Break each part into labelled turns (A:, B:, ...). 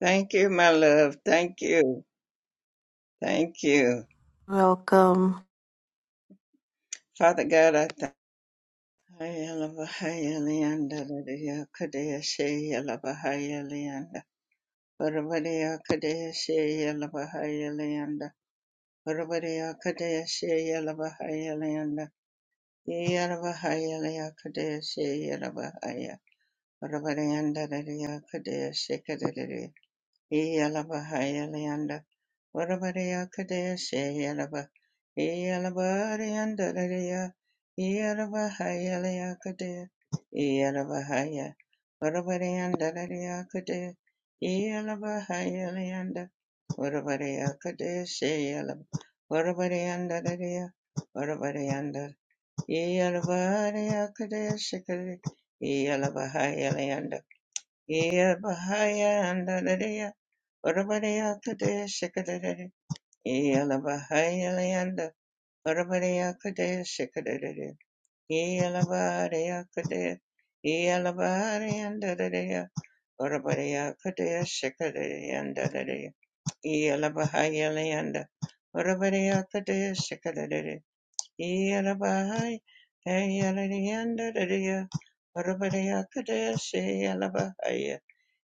A: Thank you, my love. Thank you. Thank you.
B: Welcome.
A: Father God, I thank you. Iyalabahayalayanda Varavareyakadaya Seyalaba Iyalabaryandaraya Iyalabahayalayakadaya Iyalabahaya Varavareyandarayakadaya Iyalabahayalayanda Varavareyakadaya Seyalaba Varavareyandaraya Varavareyandar Iyalabareyakadaya Sekari Iyalabahayalayanda Iyalabahayandaraya Orabariya Kadeh Shikadadadi. Yalabahaya Layanda. Orabariya Kadeh Shikadadadi. Yalabariya Kadeh. Yalabariyanda Dadaya. Orabariya Kadeh Shikadadiyanda Dadaya. Yalabahaya Layanda. Orabariya Kadeh Shikadadadi. Yalabahaya Layanda Dadaya. Orabariya Kadeh Shikadadadi.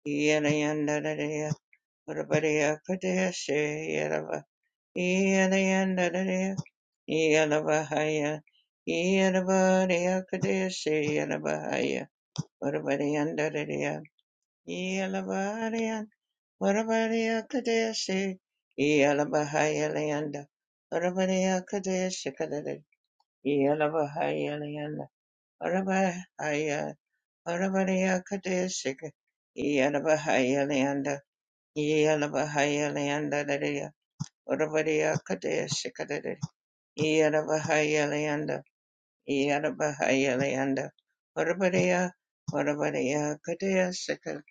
A: Yalabahaya. Urabariya Padeshe Yadava Yadayandadaya Yadavahaya Yadavariya Padeshe Yadavahaya Urabariyandadaya Yadavariya Urabariya Padeshe Yadavahaya Layanda Urabariya Padeshe Kadada Yadavahaya Layanda Urabahaya Urabariya Padeshe Yadavahaya Layanda Yadavahaya Layanda Dadaya Urabariya Kadea Shikadere, Yarabahaya Leanda, Yarabahaya Leanda, Urabariya, Urabariya Kadea Shikadere,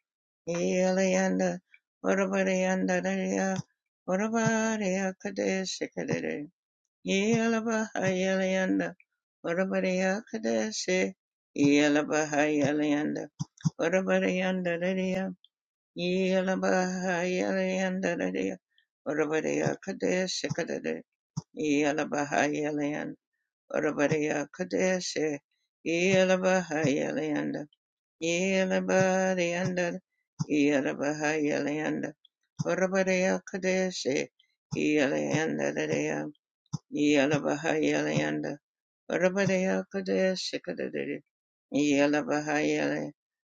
A: Yaleanda, Urabarianda, Urabariya Kadea Shikadere, Yalabahaya Leanda, Urabariya Kadea Shikadere, Yalabahaya Leanda, Urabarianda, Yalabahaya Leanda, Urabariya Kadea Shikadere, Yelabahayaland, Urabadiya Kadeshi, Yelabahayaland, Yelabadianda, Yelabahayaland, Urabadiya Kadeshi, Yelandadaya, Yelabahayaland, Urabadiya Kadeshi Kadadadi, Yelabahayale,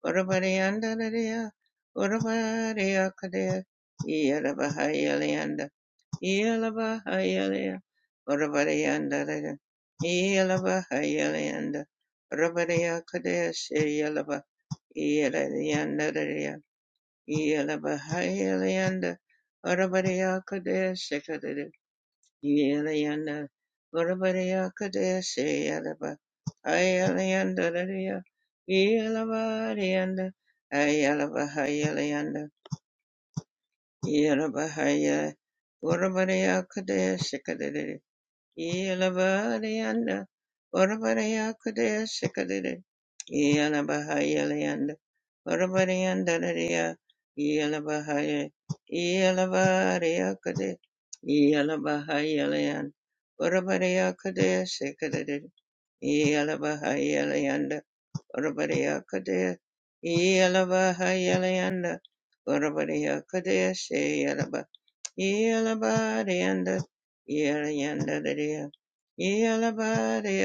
A: Urabadianda, Urabadiya Kadeshi, Yelabahayelianda, Yalabahayalaya, Orabarayandalaya, Yalabahayalayanda, Orabaraya Kadeshe Yalaba, Yalayandaraya, Yalabahayalayanda, Orabaraya Kadeshe Kadere, Yalayanda, Orabaraya Kadeshe Yalaba, Ayalayandaraya, Yalabarayanda, Ayalabahayalayanda, Yalabahaya, Orabaraya Kadeshe Yelabarayanda, Varavarayakudaya Sikadide, Yelabahayalayanda, Varavarayandaraya, Yelabahaya, Yelabarayakudi, Yelabahayalayan, Varavarayakudaya Sikadide, Yelabahayalayanda, Varavarayakudaya, Yelabahayalayanda, Varavarayakudaya Yella body and the yella yanda the dear. Yella body,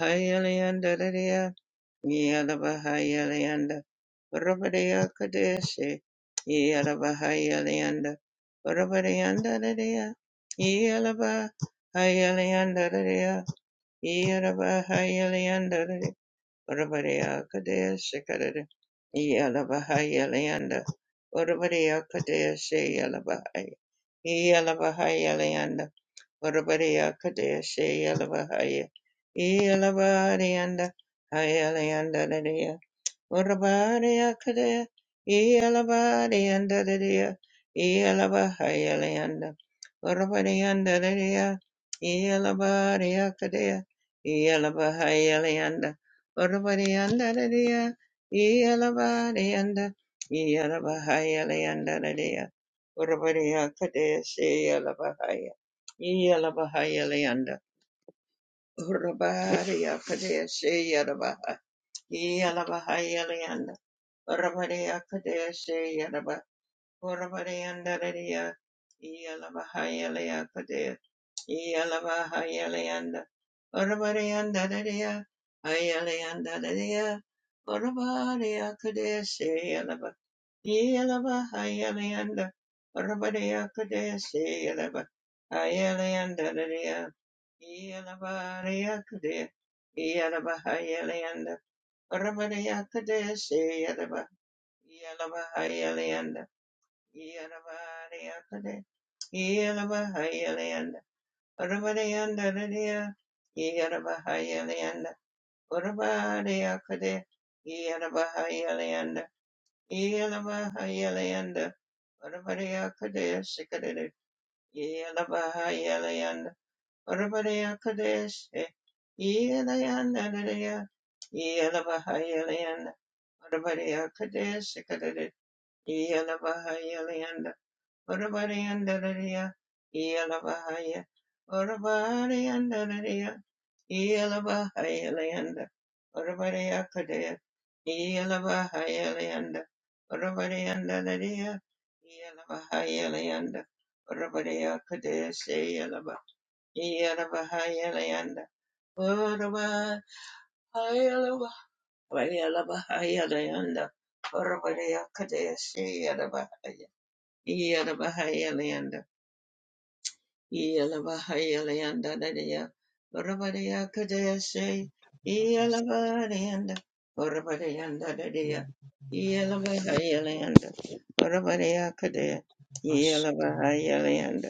A: highly yanda Yelabaria, Yelayandadaria, Yelabaria, Hayalayandadaria, yanda, Rabaria Kadeshi, Yelabahayalayanda, Rabariandadaria, Yelabahayalayandadaria, Yelabahayalayandadaria, Rabaria Kadeshi Kadadaria, Yelabahayalayanda, Rabaria Kadeshi Yelabahaya. Yelavahaya Leanda, Urabadiya Kadeshe Yelavahaya, Yelavaharianda, Hayaleanda, Urabadiakadea, Ialabadiandadadea, Ialabahayalayanda, Urabadiandadadea, Ialabadiakadea, Ialabahayalayanda, Urabadiandadadea, Ialabadianda, Ialabahayalayandadadea, Urabadiakadea, Seyalabahaya, Ialabahayalayanda, Urabadiakadea, Seyalabaha, Ialabahayalayanda, Orabarea Kadeshe Yadaba Orabarea Dadaria Yalabahayalea Kadea Yalabahayaleanda Orabarea Dadaria Hayaleanda Dadaria Orabarea Kadeshe Yalaba Yalabahayaleanda Orabarea Kadeshe Yalaba Hayaleanda Dadaria Yalabarea Kadea Yalabahayaleanda Orabarea Kadeshe Yadaba Yalabahayalayanda, Yalabariyakade, Yalabahayalayanda, Urabariyanda Radiya, Yalabahayalayanda, Urabariyakade, Yalabahayalayanda, Yalabahayalayanda, Urabariyakade, Sikadere, Yalabahayalayanda, Urabariyakade, Yalayanda Radiya, Yalabahayalayanda, Urabariyakade, Yelabahayalanda, Urabariandalaria, Yelabahaya, Urabariandalaria, Yelabahayalanda, Urabariakadea, Yelabahayalanda, Urabariandalaria, Yelabahayalanda, Urabariakadea, Sayelaba, Yelabahayalanda, Urabahayalaba, Yelabahayalanda, Urabariakadea, Sayelaba, Yada Bahaya leanda. Yelabahayalanda, Yelabahayalanda, Dadaya, Rabadaya Kadeshe,
C: Wasukuma
A: Yelabadayanda, Rabadayanda, Dadaya, Yelabahayalanda, Rabadaya Kadea,
C: washikilia
A: Yala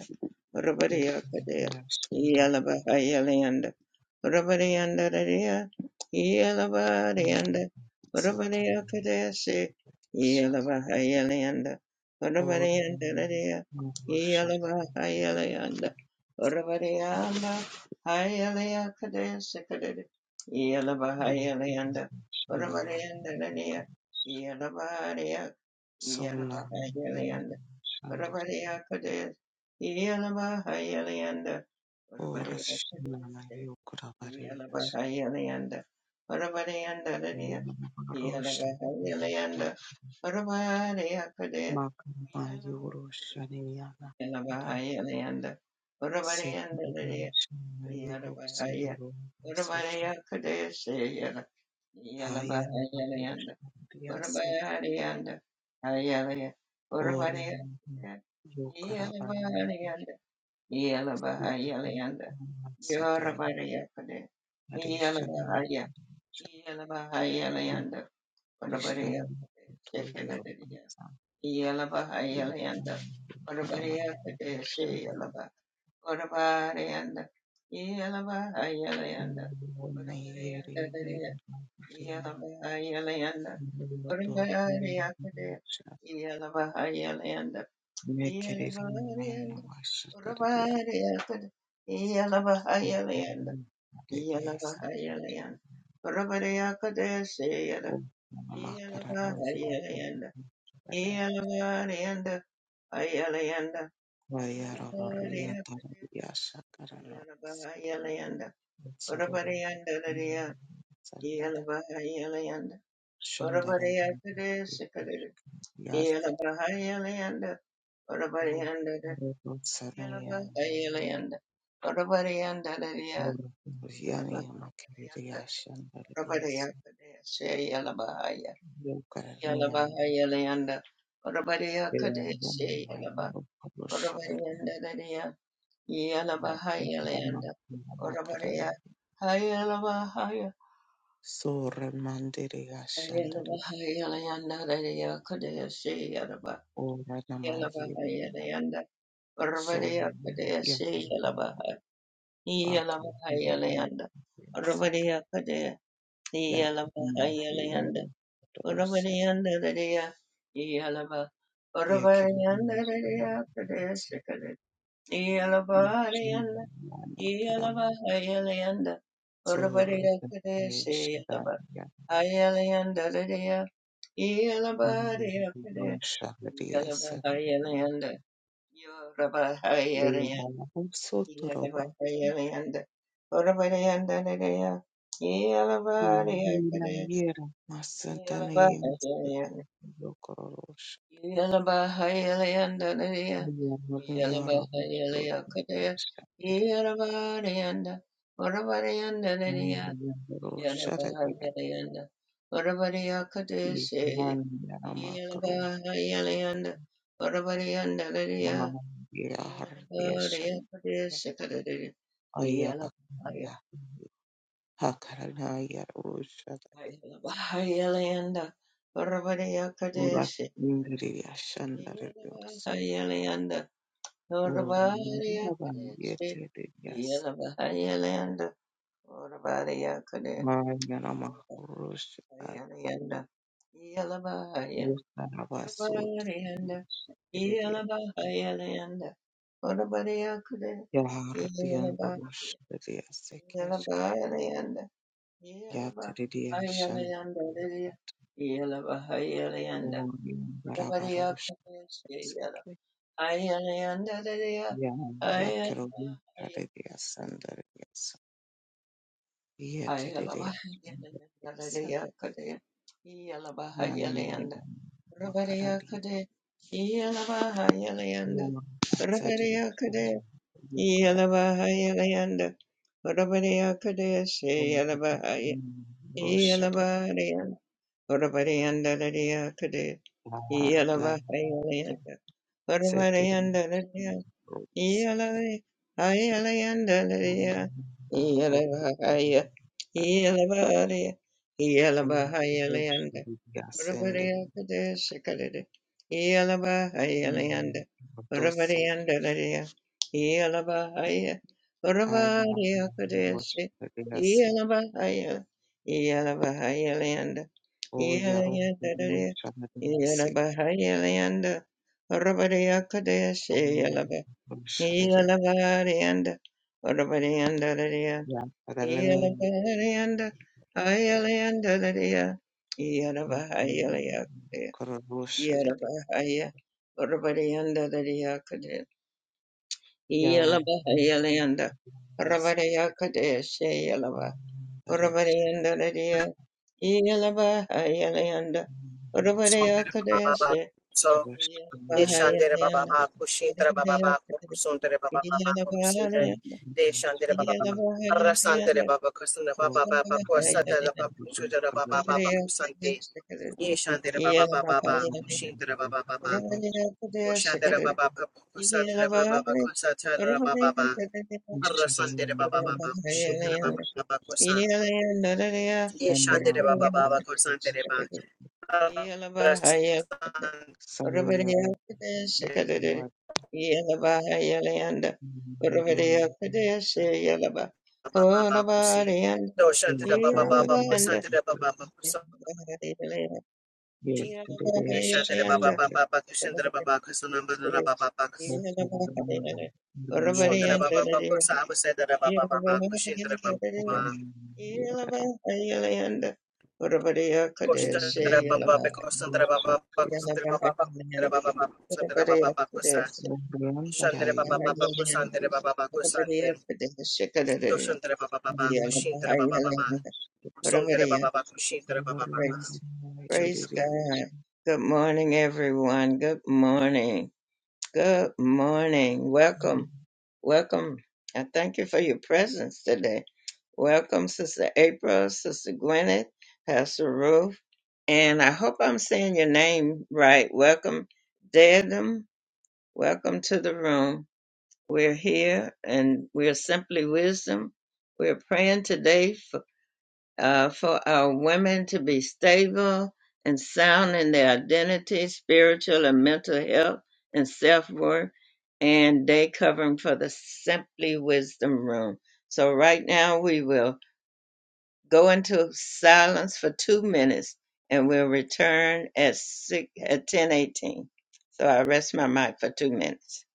A: Rabariya Kadea,
C: shina la
A: Yalaba Yalianda, Rabarianda Radia, Yalaba
C: mti
A: Dianda,
C: tayari
A: Rabariya Kadea, say, Yalaba Yalianda, Rabarianda Radia, Yalaba Yalianda, Rabarianda, Yalaya Kadea, Sikadea, Yalaba Yalianda, Rabarianda Radia, Yalaba Yalaba Yalianda. Orabariya Kadis, Yelaba Hayalianda,
C: kurusha
A: Orabariya
C: shina
A: Kadis,
C: hilo kurusha
A: Yelaba
C: kurabarishwa
A: Hayalianda, Orabarianda Radia, Yelaba
C: kurusha
A: Hayalianda, Orabariya Kadis,
C: magamba
A: Yelaba
C: yorushaniana iri
A: Hayalianda, Orabarianda Radia,
C: sekurishana
A: Yelaba Haya,
C: yorusororo maseke
A: Orabariya Kadis, Yelaba
C: hayana
A: Hayalianda,
C: kurusha yase
A: Orabarianda, Hayalaya,
C: ore
A: Orabariya,
C: yokarabani
A: Yelaba Yela Bahaya Leanda,
C: Satire
A: Yorabara Yakade, Yela
C: narration
A: Bahaya, Yela Bahaya Leanda, Orabara
C: ishami
A: Yakade,
C: itorero
A: Sekadadia,
C: ikaramasha
A: Yela Bahaya Leanda,
C: yerekana
A: Orabara Yakade, Seyelaba, Orabara Yanda, Yela Bahaya Leanda, Orabara
C: umuyodo
A: Yanda, Yela Bahaya Leanda, Orabara Yakade,
C: yoroshya
A: Yela Bahaya Leanda,
C: impekerere
A: Yalaba,
C: n'amashataria
A: Yalanda, Yalaba,
C: Eliasa amakarara y'ubu bayarabaria tarabiyasha karara
A: Yalanda,
C: Sororo
A: Orabari
C: Sandara Shandara Yasta Robo Sanaya
A: and Dadaria,
C: Vyani Makiriya Shandara Yas
A: Yalaba, Yalaba,
C: Yokaranian
A: Yalaba,
C: Yamamai Yokabushara
A: Orabayanda Dadea,
C: Yakidama
A: Yalabahayalayanda,
C: Yamakara
A: Orabadea, Hayalabahaya,
C: Sora Mandiriya Shandari
A: Hayalabahayalayanda Dadea Kadeshe Yalaba,
C: Ora Namayi
A: Yalabahayalayanda,
C: So
A: Orabadea Kadeshe
C: Yakam
A: Yalaba,
C: Baka Yakam
A: Yalabahayalayanda, Orabadea Kadea,
C: Yakama
A: Yalabahayalayanda,
C: Hero Dorset
A: Urabariyandarariya, Iyalaba,
C: Yekemus
A: Urabariyandarariya, Kadeshikade, Iyalabariyanda,
C: Yana Karam
A: Iyalaba, Hayalayanda, Urabariya,
C: Sorda
A: Kadeshi, Iyalaba,
C: Yanda
A: Hayalayandariya, Iyalabariya, Kadeshi,
C: Rosha
A: Iyalaba,
C: Riasan
A: Hayalayanda, Yoraba, Hayalaya,
C: Leila
A: Iyalaba,
C: Sotoroba
A: Hayalayanda, Urabariyandariya, Iyalabariya,
C: Leila
A: Kadeshi,
C: Yera
A: Iyalaba,
C: Masantani
A: Hayalayanda,
C: Yokorosha
A: Yalabaya, Yalabaya,
C: Yara Rosha Rosha Riasan Leila Yara Makro
A: Yalabaya,
C: Hallelujah, hallelujah, Shandra. Aya Bakaya, Hakarana Yarusha, Urak Indriya Shandra Yosu,
A: Orabari
C: Urmaba
A: akadeshi,
C: Yete Yas,
A: yelabari yelanda, orabari akadeshi,
C: Mayanama Rusha,
A: yelabari yelanda, yelabari yelanda,
C: Utanabasuta,
A: orabari yelanda,
C: Yashiridia,
A: yelabari yelanda, orabari akadeshi,
C: Yahardian
A: yelabari
C: Rusha, Sekeshka,
A: yelabari yelanda,
C: Yatridia
A: yelabari
C: Shan,
A: yelanda, yelabari yelanda, orabari
C: Uri Marabarusha,
A: akadeshi, yelabari yelanda,
C: Yeah, yeah, Ya
A: yelabari
C: yakerobe
A: yelanda.
C: kareliyasandareliyasa yetereliyasa nanayedan makaraliya
A: Yalabahayalanda,
C: omasatereliyasa yukara roshare arlante setereliyasa roshare
A: yeah.
C: a orlante oroshereliyasendere dosa aya roshare O Yarrow Shadowsik Shaded
A: Iyalabariyanda, orabariyandalariya.
C: Ya Adalani
A: Iyalabariyanda, ayalayandalariya. Iyalabahayalayakariya.
C: Kororo Shaded
A: Iyalabahaya, orabariyandalariya.
C: Ya
A: Iyalabahayalayanda,
C: Basic
A: orabariyakariya. Sheyalaba, orabariyandalariya. Iyalabahayalayanda,
C: Makana
D: Sundere Baba
A: orabariyakariya.
D: Baba. So
C: Vashkama
D: Deshandere Baba
A: Sheyalabahayalayanda,
D: Baba Kushintra Baba Baba
A: orabariyakariya.
D: Sundere Baba Baba Kusindre
C: Ya
A: Iyalabariyanda.
D: Deshandere Baba
A: Yeah.
D: Baba. Arrasantere Baba Kusundra
C: O
D: Baba Baba
C: Shadani
D: Kusata Baba Kusudra Baba Baba Kusanti. Yeshandere Baba Baba Baba Kushindra Baba Baba. Kushandere Baba Baba Kusatra Baba Baba Kusatra Baba Baba. Arrasantere Baba Baba Kushindra Baba Baba Kusan. Yeshandere Baba Baba Kusantere Baba. Arrasantere
C: Sama Salo Yarrow Miranda
D: Baba baba kushin. Doshan tera baba baba
C: Kurgavati
D: kushin tera baba baba
A: Yeah.
D: kushin.
C: yet the
D: Ye
C: days
D: shanti tera baba
C: yet
D: baba baku shan tera baba kusonamber tera baba baku.
C: most of the number
D: Shon
C: Miranda
D: tera baba baku saam se tera baba baba kushin tera baba.
C: Yerero
D: Koshan tera baba
C: Miranda
D: pe koshan tera baba baku
C: Yoshakira
D: tera baba baba tera baba baba kushan tera
C: Miranda
D: baba baba
C: Yoshakira
D: kushan tera baba baba kushan tera baba baba
C: Miranda
D: kushin tera baba baba. Shon tera baba baku shin tera baba
A: Praise, praise
D: baba.
C: Yerero
A: God. Good morning, everyone. Good morning. Good morning. Welcome. Welcome. I thank you for your presence today. Welcome, Sister April, Sister Gwyneth, Pastor Ruth, and I hope I'm saying your name right. Welcome, Dedham. Welcome to the room. We're here and we're simply wisdom. We're praying today uh, for our women to be stable and sound in their identity, spiritual and mental health, and self worth. And they covering for the Simply Wisdom Room. So, right now, we will go into silence for two minutes and we'll return at, six, at ten eighteen. So, I rest my mic for two minutes.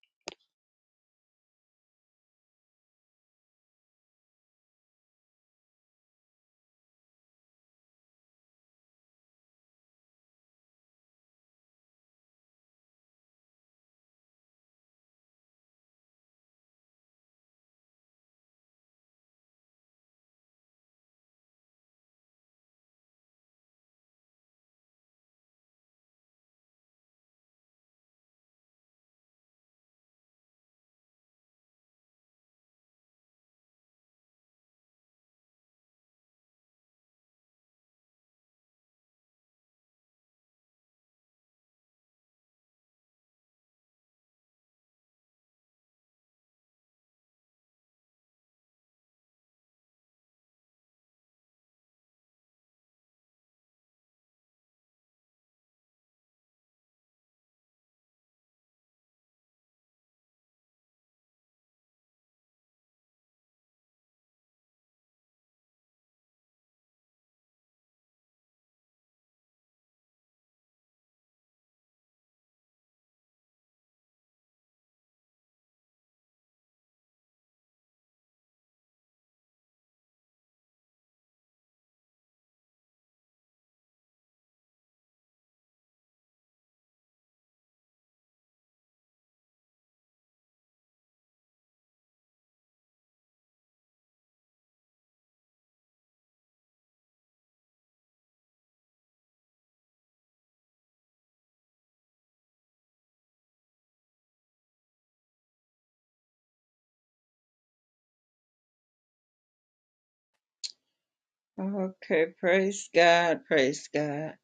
A: Okay, praise God, praise God.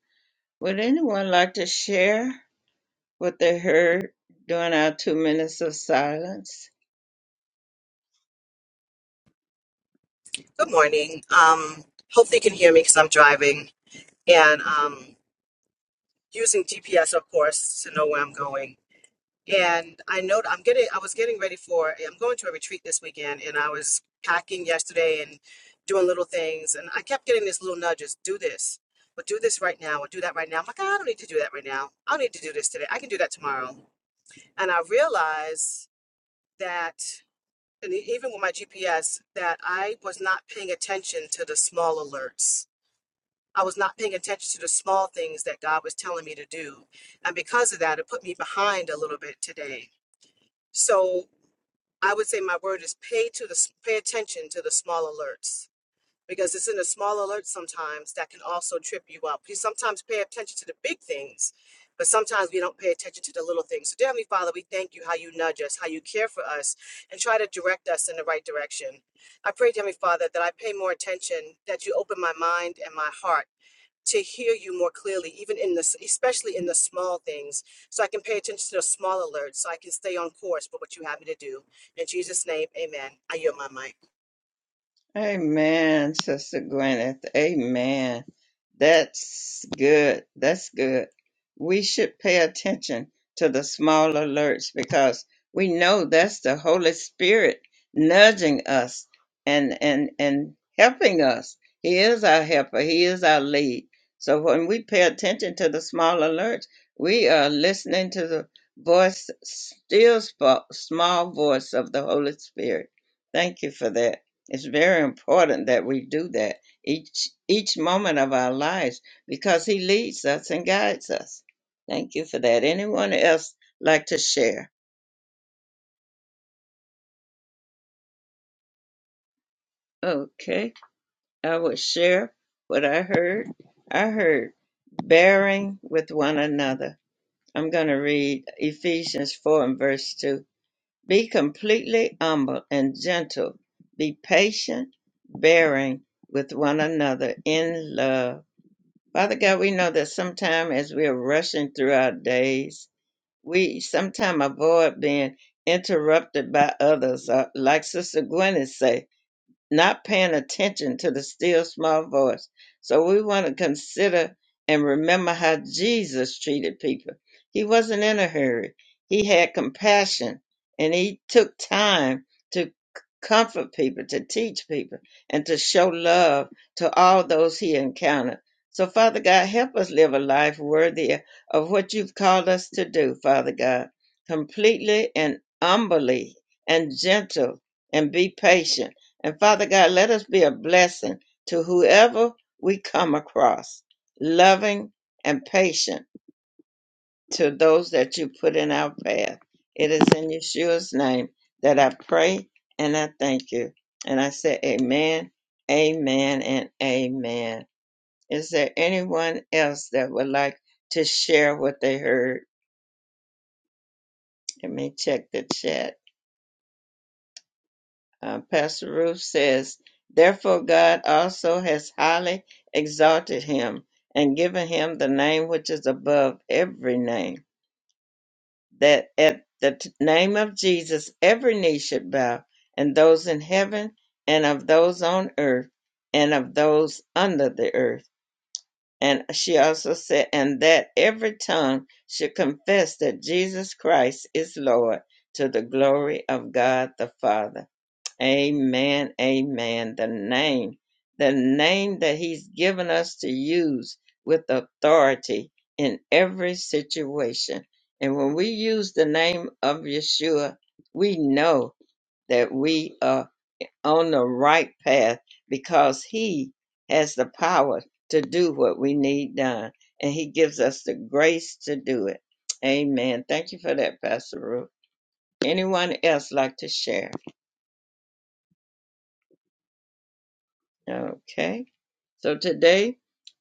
A: Would anyone like to share? what they heard during our two minutes of silence.
D: Good morning. Um, hopefully, you can hear me because I'm driving and um, using GPS, of course, to know where I'm going. And I know I'm getting. I was getting ready for. I'm going to a retreat this weekend, and I was packing yesterday and doing little things, and I kept getting these little nudges: do this, or do this right now, or do that right now. I'm like, I don't need to do that right now. I don't need to do this today. I can do that tomorrow. And I realized that, and e- even with my GPS, that I was not paying attention to the small alerts I was not paying attention to the small things that God was telling me to do. And because of that, it put me behind a little bit today. So I would say my word is pay to the pay attention to the small alerts because it's in the small alerts sometimes that can also trip you up. You sometimes pay attention to the big things, but sometimes we don't pay attention to the little things. So dear Heavenly Father, we thank you how you nudge us, how you care for us, and try to direct us in the right direction. I pray, dear Heavenly Father, that I pay more attention, that you open my mind and my heart to hear you more clearly, even in this, especially in the small things. So I can pay attention to the small alerts, so I can stay on course for what you have me to do. In Jesus' name, amen. I yield my mic.
A: Amen, Sister Gwyneth. Amen. That's good. That's good. We should pay attention to the small alerts because we know that's the Holy Spirit nudging us and and and helping us. He is our helper. He is our lead. So when we pay attention to the small alerts, we are listening to the voice, still sp- small voice of the Holy Spirit. Thank you for that. It's very important that we do that each each moment of our lives because he leads us and guides us. Thank you for that. Anyone else like to share? Okay, I will share what I heard. I heard bearing with one another. I'm going to read Ephesians 4 and verse 2. Be completely humble and gentle. Be patient, bearing with one another in love Father God, we know that sometimes, as we are rushing through our days, we sometimes avoid being interrupted by others. Uh, like Sister Gwyneth say, not paying attention to the still small voice. So we want to consider and remember how Jesus treated people. He wasn't in a hurry. He had compassion and he took time to comfort people, to teach people, and to show love to all those he encountered. So, Father God, help us live a life worthy of what you've called us to do, Father God, completely and humbly and gentle and be patient and Father God, let us be a blessing to whoever we come across, loving and patient to those that you put in our path. It is in Yeshua's name that I pray and I thank you. And I say, Amen, Amen, and Amen. Is there anyone else that would like to share what they heard? Let me check the chat. Uh, Pastor Ruth says, Therefore God also has highly exalted him and given him the name which is above every name, that at the t- name of Jesus every knee should bow, and those in heaven, and of those on earth, and of those under the earth. And she also said, And that every tongue should confess that Jesus Christ is Lord to the glory of God the Father. Amen. Amen. The name, the name that He's given us to use with authority in every situation. And when we use the name of Yeshua, we know that we are on the right path because He has the power to do what we need done. And He gives us the grace to do it. Amen. Thank you for that, Pastor Ruth. Anyone else like to share? Okay. So today,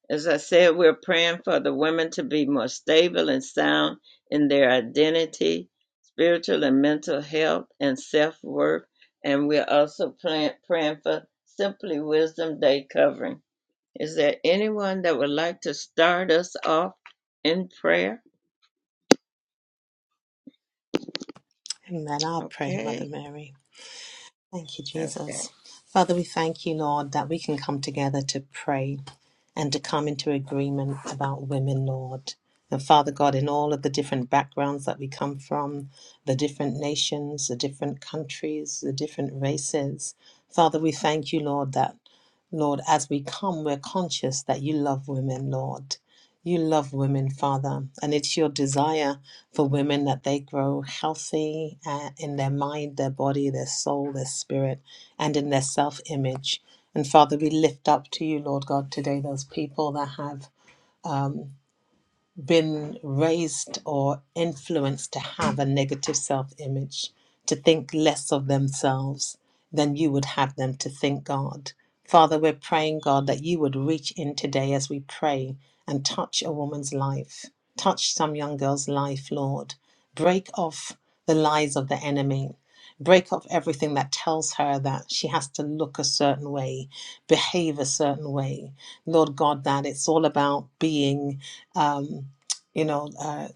A: as I said, we're praying for the women to be more stable and sound in their identity, spiritual and mental health, and self worth. And we're also praying, praying for Simply Wisdom Day covering. Is there anyone that would like to start us off in prayer?
E: Amen. I'll pray, Mother
A: Okay.
E: Mary. Thank you,
A: Okay.
E: Jesus. Father, we thank you, Lord, that we can come together to pray and to come into agreement about women, Lord. And Father God, in all of the different backgrounds that we come from, the different nations, the different countries, the different races, Father, we thank you, Lord, that, Lord, as we come, we're conscious that you love women, Lord. You love women, Father, and it's your desire for women that they grow healthy uh, in their mind, their body, their soul, their spirit, and in their self image. And Father, we lift up to you, Lord God, today those people that have been raised or influenced to have a negative self image, to think less of themselves than you would have them to think, God. Father, we're praying, God, that you would reach in today as we pray and touch a woman's life, touch some young girl's life, Lord. Break off the lies of the enemy. Break off everything that tells her that she has to look a certain way, behave a certain way. Lord God, that it's all about being. Um, you know, uh,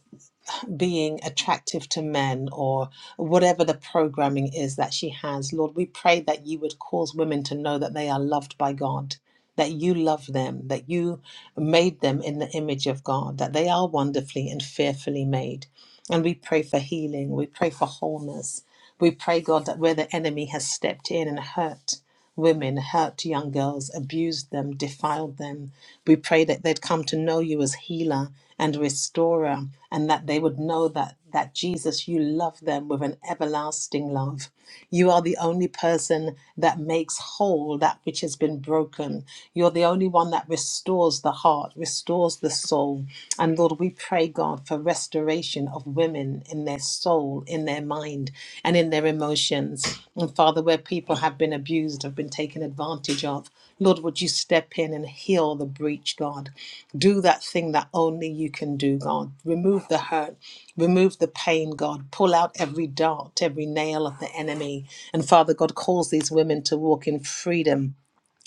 E: being attractive to men or whatever the programming is that she has. Lord, we pray that you would cause women to know that they are loved by God, that you love them, that you made them in the image of God, that they are wonderfully and fearfully made. And we pray for healing, we pray for wholeness. We pray, God, that where the enemy has stepped in and hurt, women, hurt young girls, abused them, defiled them. We pray that they'd come to know you as healer and restorer, and that they would know that, that Jesus, you love them with an everlasting love. You are the only person that makes whole that which has been broken. You're the only one that restores the heart, restores the soul. And Lord, we pray, God, for restoration restoration of women in their soul, in their mind, and in their emotions. And Father, where people have been abused, have been taken advantage of, Lord, would you step in and heal the breach, God? Do that thing that only you can do, God. Remove the hurt, remove the pain, God. Pull out every dart, every nail of the enemy. And Father, God calls these women to walk in freedom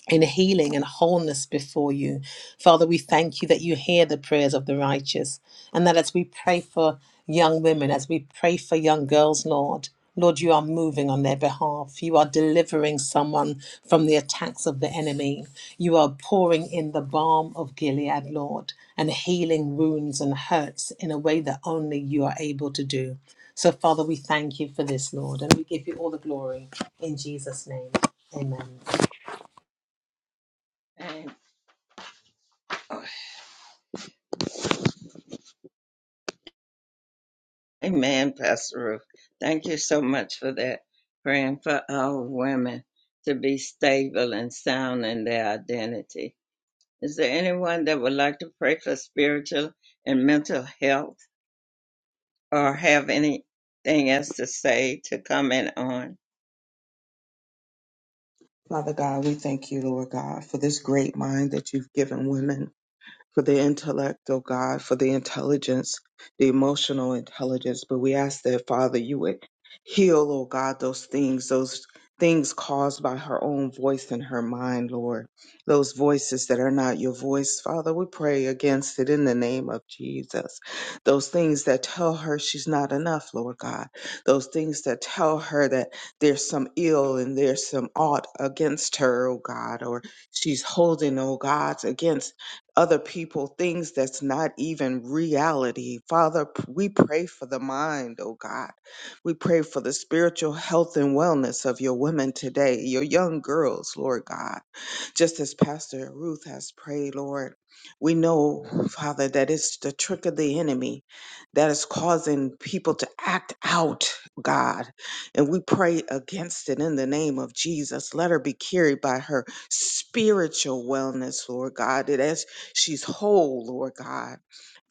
E: in healing and wholeness before you. Father, we thank you that you hear the prayers of the righteous and that as we pray for young women, as we pray for young girls, Lord, Lord, you are moving on their behalf. You are delivering someone from the attacks of the enemy. You are pouring in the balm of Gilead, Lord, and healing wounds and hurts in a way that only you are able to do. So, Father, we thank you for this, Lord, and we give you all the glory in Jesus' name. Amen.
A: And- Amen, Pastor Ruth. Thank you so much for that. Praying for our women to be stable and sound in their identity. Is there anyone that would like to pray for spiritual and mental health or have anything else to say to comment on?
C: Father God, we thank you, Lord God, for this great mind that you've given women. for the intellect, oh God, for the intelligence, the emotional intelligence. But we ask that, Father, you would heal, oh God, those things, those things caused by her own voice in her mind, Lord. Those voices that are not your voice, Father, we pray against it in the name of Jesus. Those things that tell her she's not enough, Lord God. Those things that tell her that there's some ill and there's some ought against her, oh God, or she's holding, oh God, against other people things that's not even reality. Father, p- we pray for the mind, oh God. We pray for the spiritual health and wellness of your women today, your young girls, Lord God. Just as Pastor Ruth has prayed, Lord, we know, Father, that it's the trick of the enemy that is causing people to act out, God. And we pray against it in the name of Jesus. Let her be carried by her spiritual wellness, Lord God. She's whole, Lord God.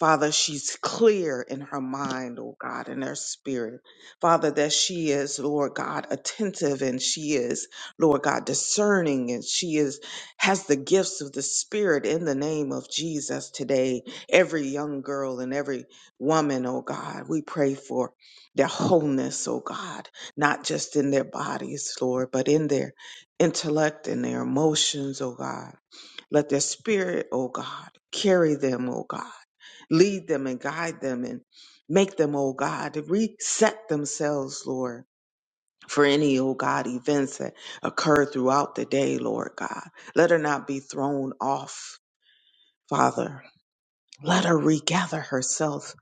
C: Father, she's clear in her mind, oh God, in her spirit. Father, that she is, Lord God, attentive and she is, Lord God, discerning and she is has the gifts of the spirit in the name of Jesus today. Every young girl and every woman, oh God, we pray for their wholeness, oh God, not just in their bodies, Lord, but in their intellect and their emotions, oh God let their spirit, O God, carry them, O God. Lead them and guide them and make them, O God, to reset themselves, Lord, for any, O God, events that occur throughout the day, Lord God. Let her not be thrown off, Father. Let her regather herself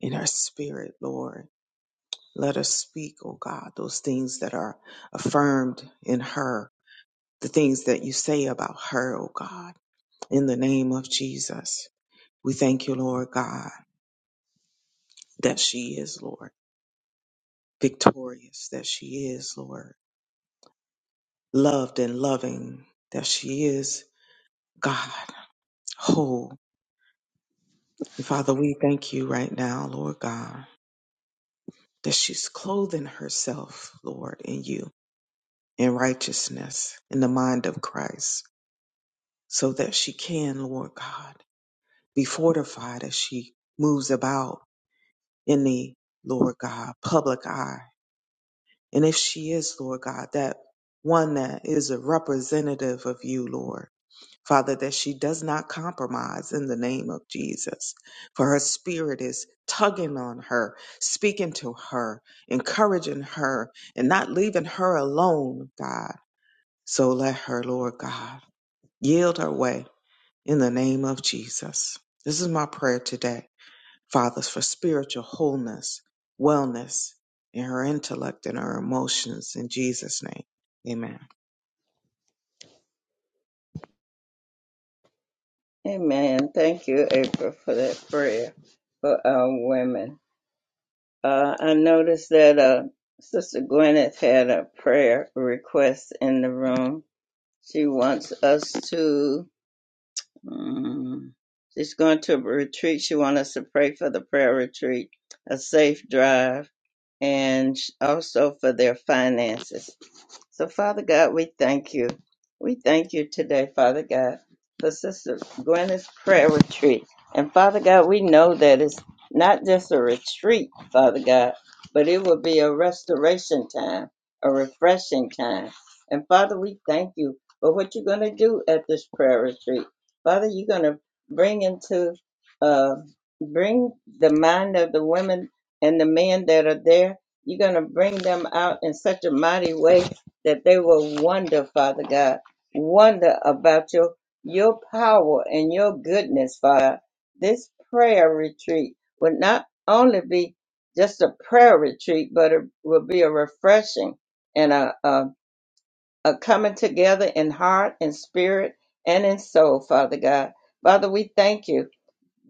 C: in her spirit, Lord. Let her speak, O God, those things that are affirmed in her, the things that you say about her, O God, in the name of Jesus. We thank you, Lord God, that she is, Lord, victorious, that she is, Lord, loved and loving, that she is, God, whole. And Father, we thank you right now, Lord God, that she's clothing herself, Lord, in you, in righteousness, in the mind of Christ, so that she can, Lord God, be fortified as she moves about in the, Lord God, public eye And if she is, Lord God, that one that is a representative of you, Lord, Father, that she does not compromise in the name of Jesus. For her spirit is tugging on her, speaking to her, encouraging her, and not leaving her alone, God. So let her, Lord God, yield her way in the name of Jesus. This is my prayer today fathers for spiritual wholeness, wellness in her intellect and her emotions. In Jesus' name, amen.
A: Amen. Thank you, April, for that prayer for our women. Uh, I noticed that uh, Sister Gwyneth had a prayer request in the room. She wants us to Mm. She's going to a retreat. She wants us to pray for the prayer retreat, a safe drive, and sh- also for their finances. So, Father God, we thank you. We thank you today, Father God, for Sister Gwyneth's prayer retreat. And Father God, we know that it's not just a retreat, Father God, but it will be a restoration time, a refreshing time. And Father, we thank you for what you're going to do at this prayer retreat. Father, you're going to bring into uh, bring the mind of the women and the men that are there. You're going to bring them out in such a mighty way that they will wonder, Father God, wonder about your your power and your goodness, Father. This prayer retreat will not only be just a prayer retreat, but it will be a refreshing and a, a, a coming together in heart and spirit and in soul, Father God. Father, we thank you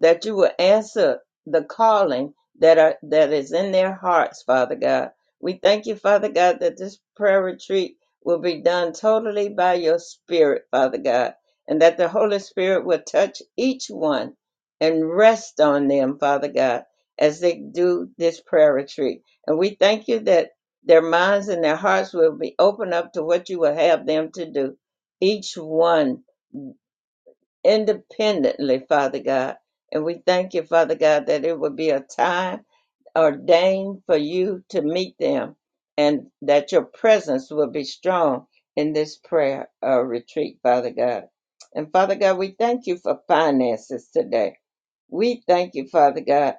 A: that you will answer the calling that are that is in their hearts, Father God. We thank you, Father God, that this prayer retreat will be done totally by your spirit, Father God, and that the Holy Spirit will touch each one and rest on them, Father God, as they do this prayer retreat. And we thank you that their minds and their hearts will be open up to what you will have them to do. Each one independently, Father God. And we thank you, Father God, that it will be a time ordained for you to meet them and that your presence will be strong in this prayer uh, retreat, Father God. And Father God, we thank you for finances today. We thank you, Father God,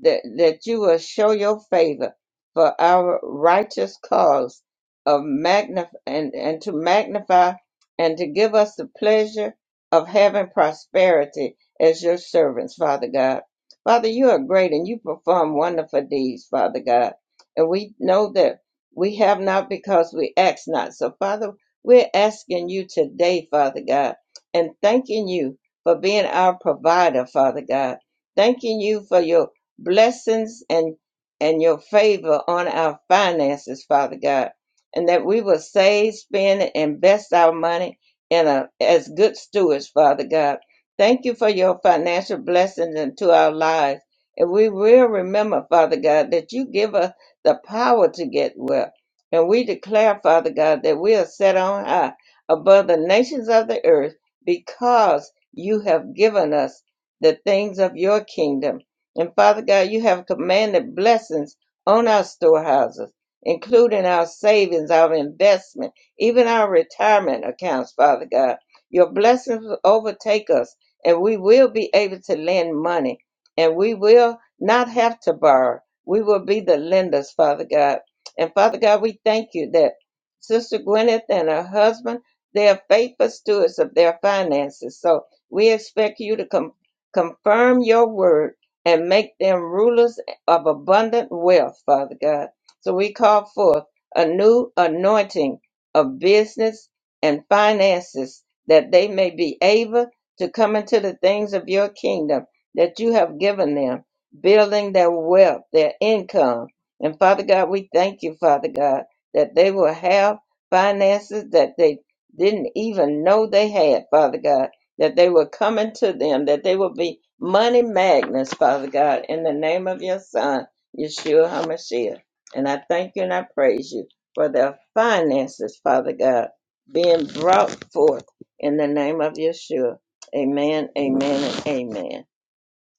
A: that, that you will show your favor for our righteous cause of magnif- and, and to magnify and to give us the pleasure of having prosperity as your servants, Father God. Father, you are great and you perform wonderful deeds, Father God. And we know that we have not because we ask not. So, Father, we're asking you today, Father God, and thanking you for being our provider, Father God. Thanking you for your blessings and and your favor on our finances, Father God, and that we will save, spend, and invest our money in a, as good stewards, Father God. Thank you for your financial blessings into our lives. And we will remember, Father God, that you give us the power to get well. And we declare, Father God, that we are set on high above the nations of the earth because you have given us the things of your kingdom. And Father God, you have commanded blessings on our storehouses, including our savings, our investment, even our retirement accounts, Father God. Your blessings will overtake us, and we will be able to lend money, and we will not have to borrow. We will be the lenders, Father God. And Father God, we thank you that Sister Gwyneth and her husband, they are faithful stewards of their finances. So we expect you to com- confirm your word and make them rulers of abundant wealth, Father God. So we call forth a new anointing of business and finances that they may be able to come into the things of your kingdom that you have given them, building their wealth, their income. And Father God, we thank you, Father God, that they will have finances that they didn't even know they had, Father God that they will come into them, that they will be money magnets, Father God, in the name of your Son, Yeshua HaMashiach. And I thank you and I praise you for their finances, Father God, being brought forth in the name of Yeshua. Amen, amen, and amen.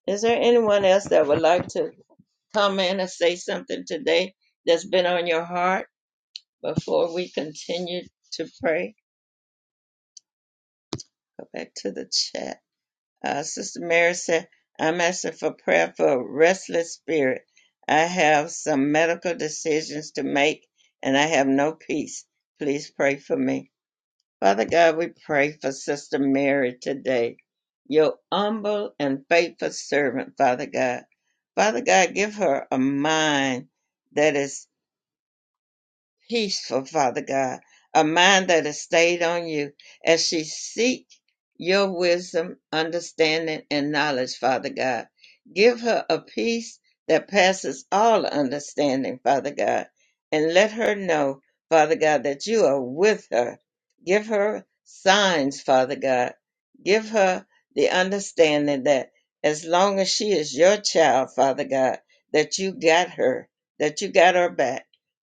A: Is there anyone else that would like to come in and say something today that's been on your heart before we continue to pray? Go back to the chat. Uh, Sister Mary said, I'm asking for prayer for a restless spirit. I have some medical decisions to make and I have no peace. Please pray for me. Father God, we pray for Sister Mary today, your humble and faithful servant, Father God. Father God, give her a mind that is peaceful, Father God, a mind that is stayed on you as she seek your wisdom, understanding, and knowledge, Father God. Give her a peace that passes all understanding, Father God, and let her know, Father God, that you are with her. Give her signs, Father God. Give her the understanding that as long as she is your child, Father God, that you got her, that you got her back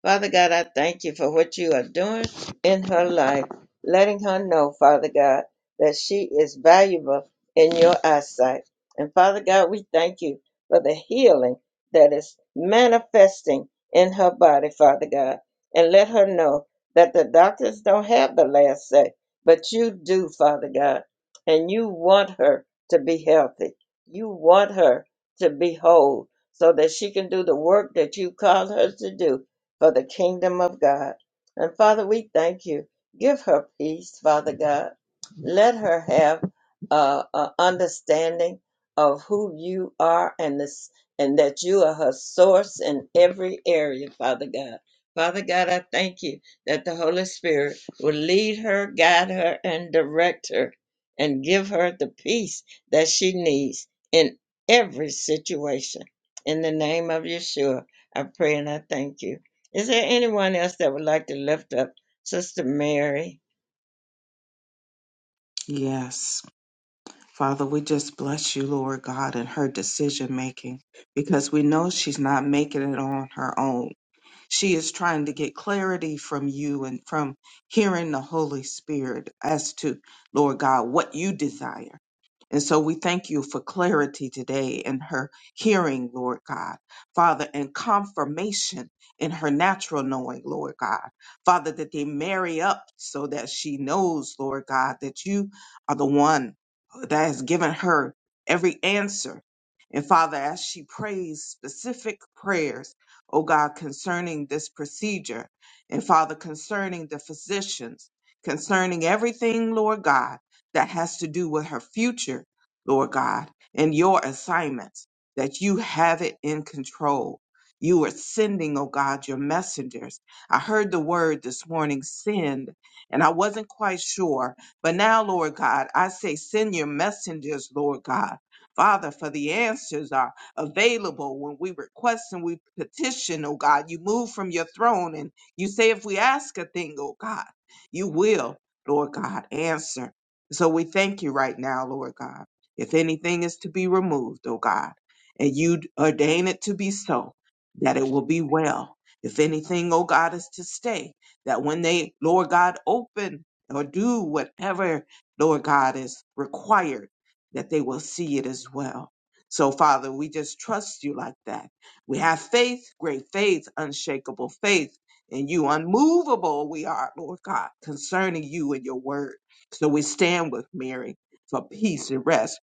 A: Father God, I thank you for what you are doing in her life, letting her know, Father God, that she is valuable in your eyesight. And Father God, we thank you for the healing that is manifesting in her body, Father God. And let her know that the doctors don't have the last say, but you do, Father God. And you want her to be healthy. You want her to be whole so that she can do the work that you called her to do for the kingdom of God. And Father, we thank you. Give her peace, Father God. Let her have uh, a understanding of who you are and this, and that you are her source in every area, Father God. Father God, I thank you that the Holy Spirit will lead her, guide her, and direct her, and give her the peace that she needs in every situation. In the name of Yeshua, I pray and I thank you. Is there anyone else that would like to lift up Sister Mary?
C: Yes, Father, we just bless you, Lord God, in her decision making because we know she's not making it on her own. She is trying to get clarity from you and from hearing the Holy Spirit as to, Lord God, what you desire. And so we thank you for clarity today in her hearing, Lord God. Father, and confirmation in her natural knowing, Lord God. Father, that they marry up so that she knows, Lord God, that you are the one that has given her every answer. And Father, as she prays specific prayers oh God, concerning this procedure. And Father, concerning the physicians, concerning everything, Lord God, that has to do with her future, Lord God, and your assignments, that you have it in control. You are sending, oh God, your messengers. I heard the word this morning, send, and I wasn't quite sure. But now, Lord God, I say, send your messengers, Lord God. Father, for the answers are available when we request and we petition, oh God. You move from your throne and you say, if we ask a thing, oh God, you will, Lord God, answer. So we thank you right now, Lord God. If anything is to be removed, oh God, and you ordain it to be so, that it will be well. If anything, oh God, is to stay, that when they, Lord God, open or do whatever, Lord God, is required, that they will see it as well. So, Father, we just trust you like that. We have faith, great faith, unshakable faith in you, unmovable we are, Lord God, concerning you and your word. So we stand with Mary for peace and rest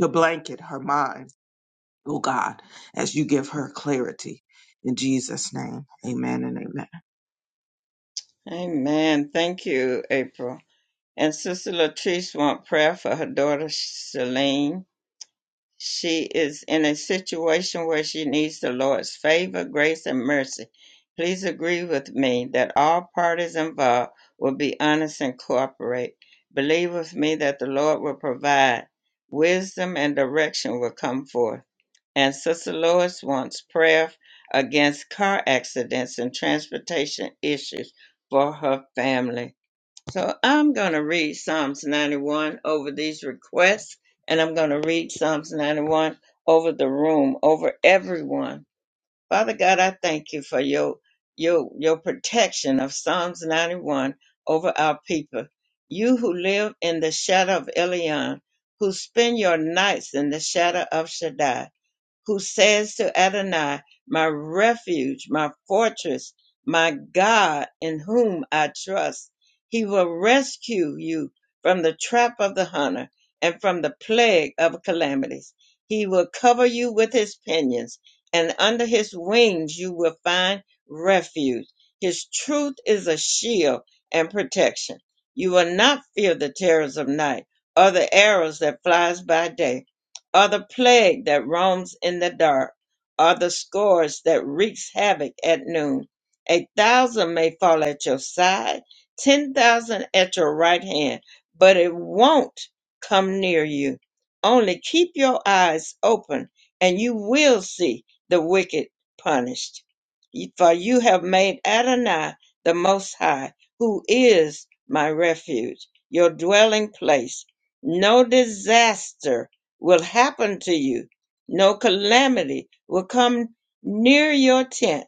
C: to blanket her mind, oh God, as you give her clarity. In Jesus' name, amen and amen.
A: Amen. Thank you, April. And Sister Latrice wants prayer for her daughter Celine. She is in a situation where she needs the Lord's favor, grace, and mercy. Please agree with me that all parties involved will be honest and cooperate. Believe with me that the Lord will provide. Wisdom and direction will come forth. and Sister Lois wants prayer against car accidents and transportation issues for her family. So I'm going to read Psalms 91 over these requests, and I'm going to read Psalms 91 over the room, over everyone. Father God, I thank you for your your your protection of Psalms 91 over our people. You who live in the shadow of Elion, who spend your nights in the shadow of Shaddai who says to Adonai, My refuge, my fortress, my God, in whom I trust. He will rescue you from the trap of the hunter and from the plague of calamities. He will cover you with his pinions, and under his wings you will find refuge. His truth is a shield and protection. You will not fear the terrors of night or the arrows that flies by day or the plague that roams in the dark, or the scourge that wreaks havoc at noon. A thousand may fall at your side, ten thousand at your right hand, but it won't come near you. Only keep your eyes open, and you will see the wicked punished. For you have made Adonai the Most High, who is my refuge, your dwelling place. No disaster will happen to you. No calamity will come near your tent,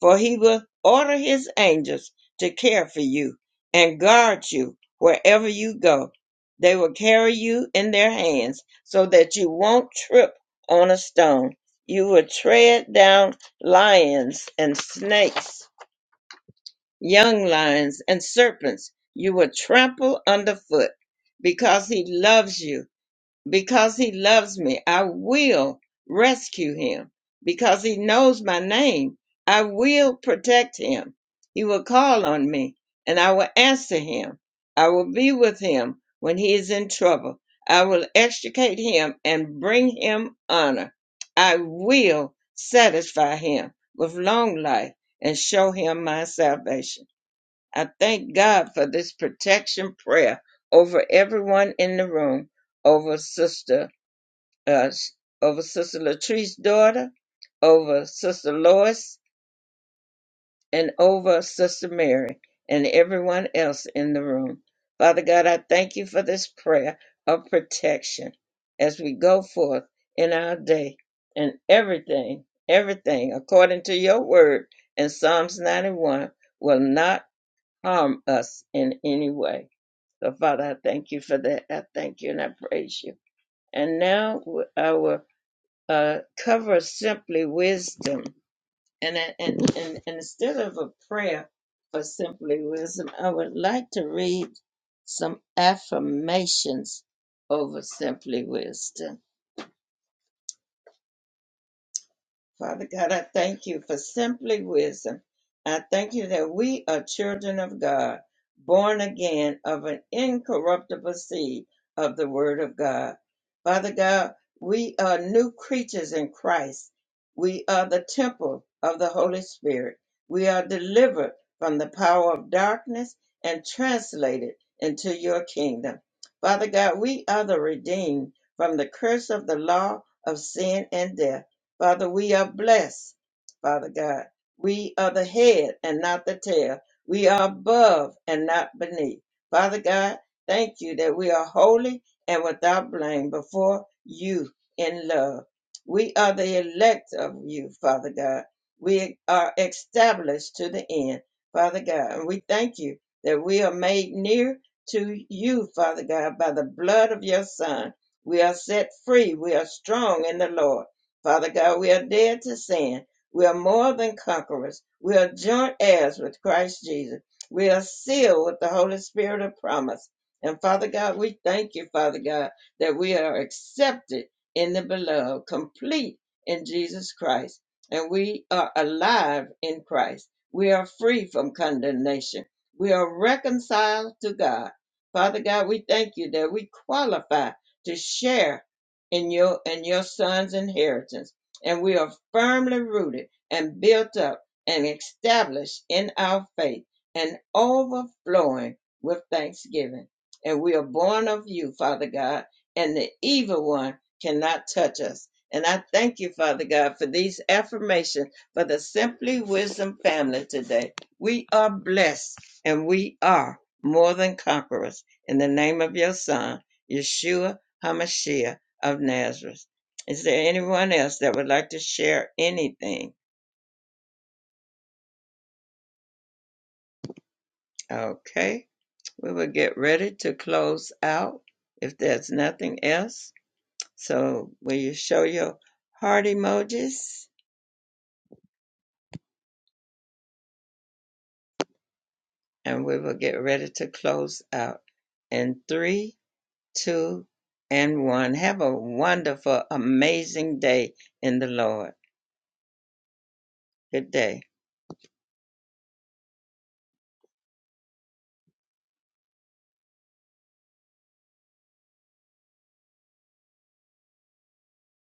A: for he will order his angels to care for you and guard you wherever you go. They will carry you in their hands so that you won't trip on a stone. You will tread down lions and snakes, young lions and serpents. You will trample underfoot because he loves you because he loves me. I will rescue him because he knows my name. I will protect him. He will call on me and I will answer him. I will be with him when he is in trouble. I will extricate him and bring him honor. I will satisfy him with long life and show him my salvation. I thank God for this protection prayer over everyone in the room, over Sister, uh, over Sister Latrice's daughter, over Sister Lois, and over Sister Mary, and everyone else in the room. Father God, I thank you for this prayer of protection as we go forth in our day and everything, everything according to your word in Psalms 91 will not harm us in any way. So, Father, I thank you for that. I thank you and I praise you. And now I will uh, cover simply wisdom. And, I- and, and, and instead of a prayer for simply wisdom, I would like to read some affirmations over simply wisdom. Father God, I thank you for simply wisdom. I thank you that we are children of God, born again of an incorruptible seed of the Word of God. Father God, we are new creatures in Christ. We are the temple of the Holy Spirit. We are delivered from the power of darkness and translated into your kingdom. Father God, we are the redeemed from the curse of the law of sin and death. Father, we are blessed, Father God. We are the head and not the tail. We are above and not beneath. Father God, thank you that we are holy and without blame before you in love. We are the elect of you, Father God. We are established to the end, Father God. And we thank you that we are made near to you, Father God, by the blood of your Son. We are set free. We are strong in the Lord. Father God, we are dead to sin. We are more than conquerors. We are joint heirs with Christ Jesus. We are sealed with the Holy Spirit of promise. And Father God, we thank you, Father God, that we are accepted in the beloved, complete in Jesus Christ. And we are alive in Christ. We are free from condemnation. We are reconciled to God. Father God, we thank you that we qualify to share in your and your son's inheritance, and we are firmly rooted and built up and established in our faith and overflowing with thanksgiving. And we are born of you, Father God, and the evil one cannot touch us. And I thank you, Father God, for these affirmations for the Simply Wisdom family today. We are blessed and we are more than conquerors. In the name of your Son, Yeshua HaMashiach of Nazareth. Is there anyone else that would like to share anything? Okay, we will get ready to close out if there's nothing else. So, will you show your heart emojis? And we will get ready to close out in three, two, and one. Have a wonderful, amazing day in the Lord. Good day.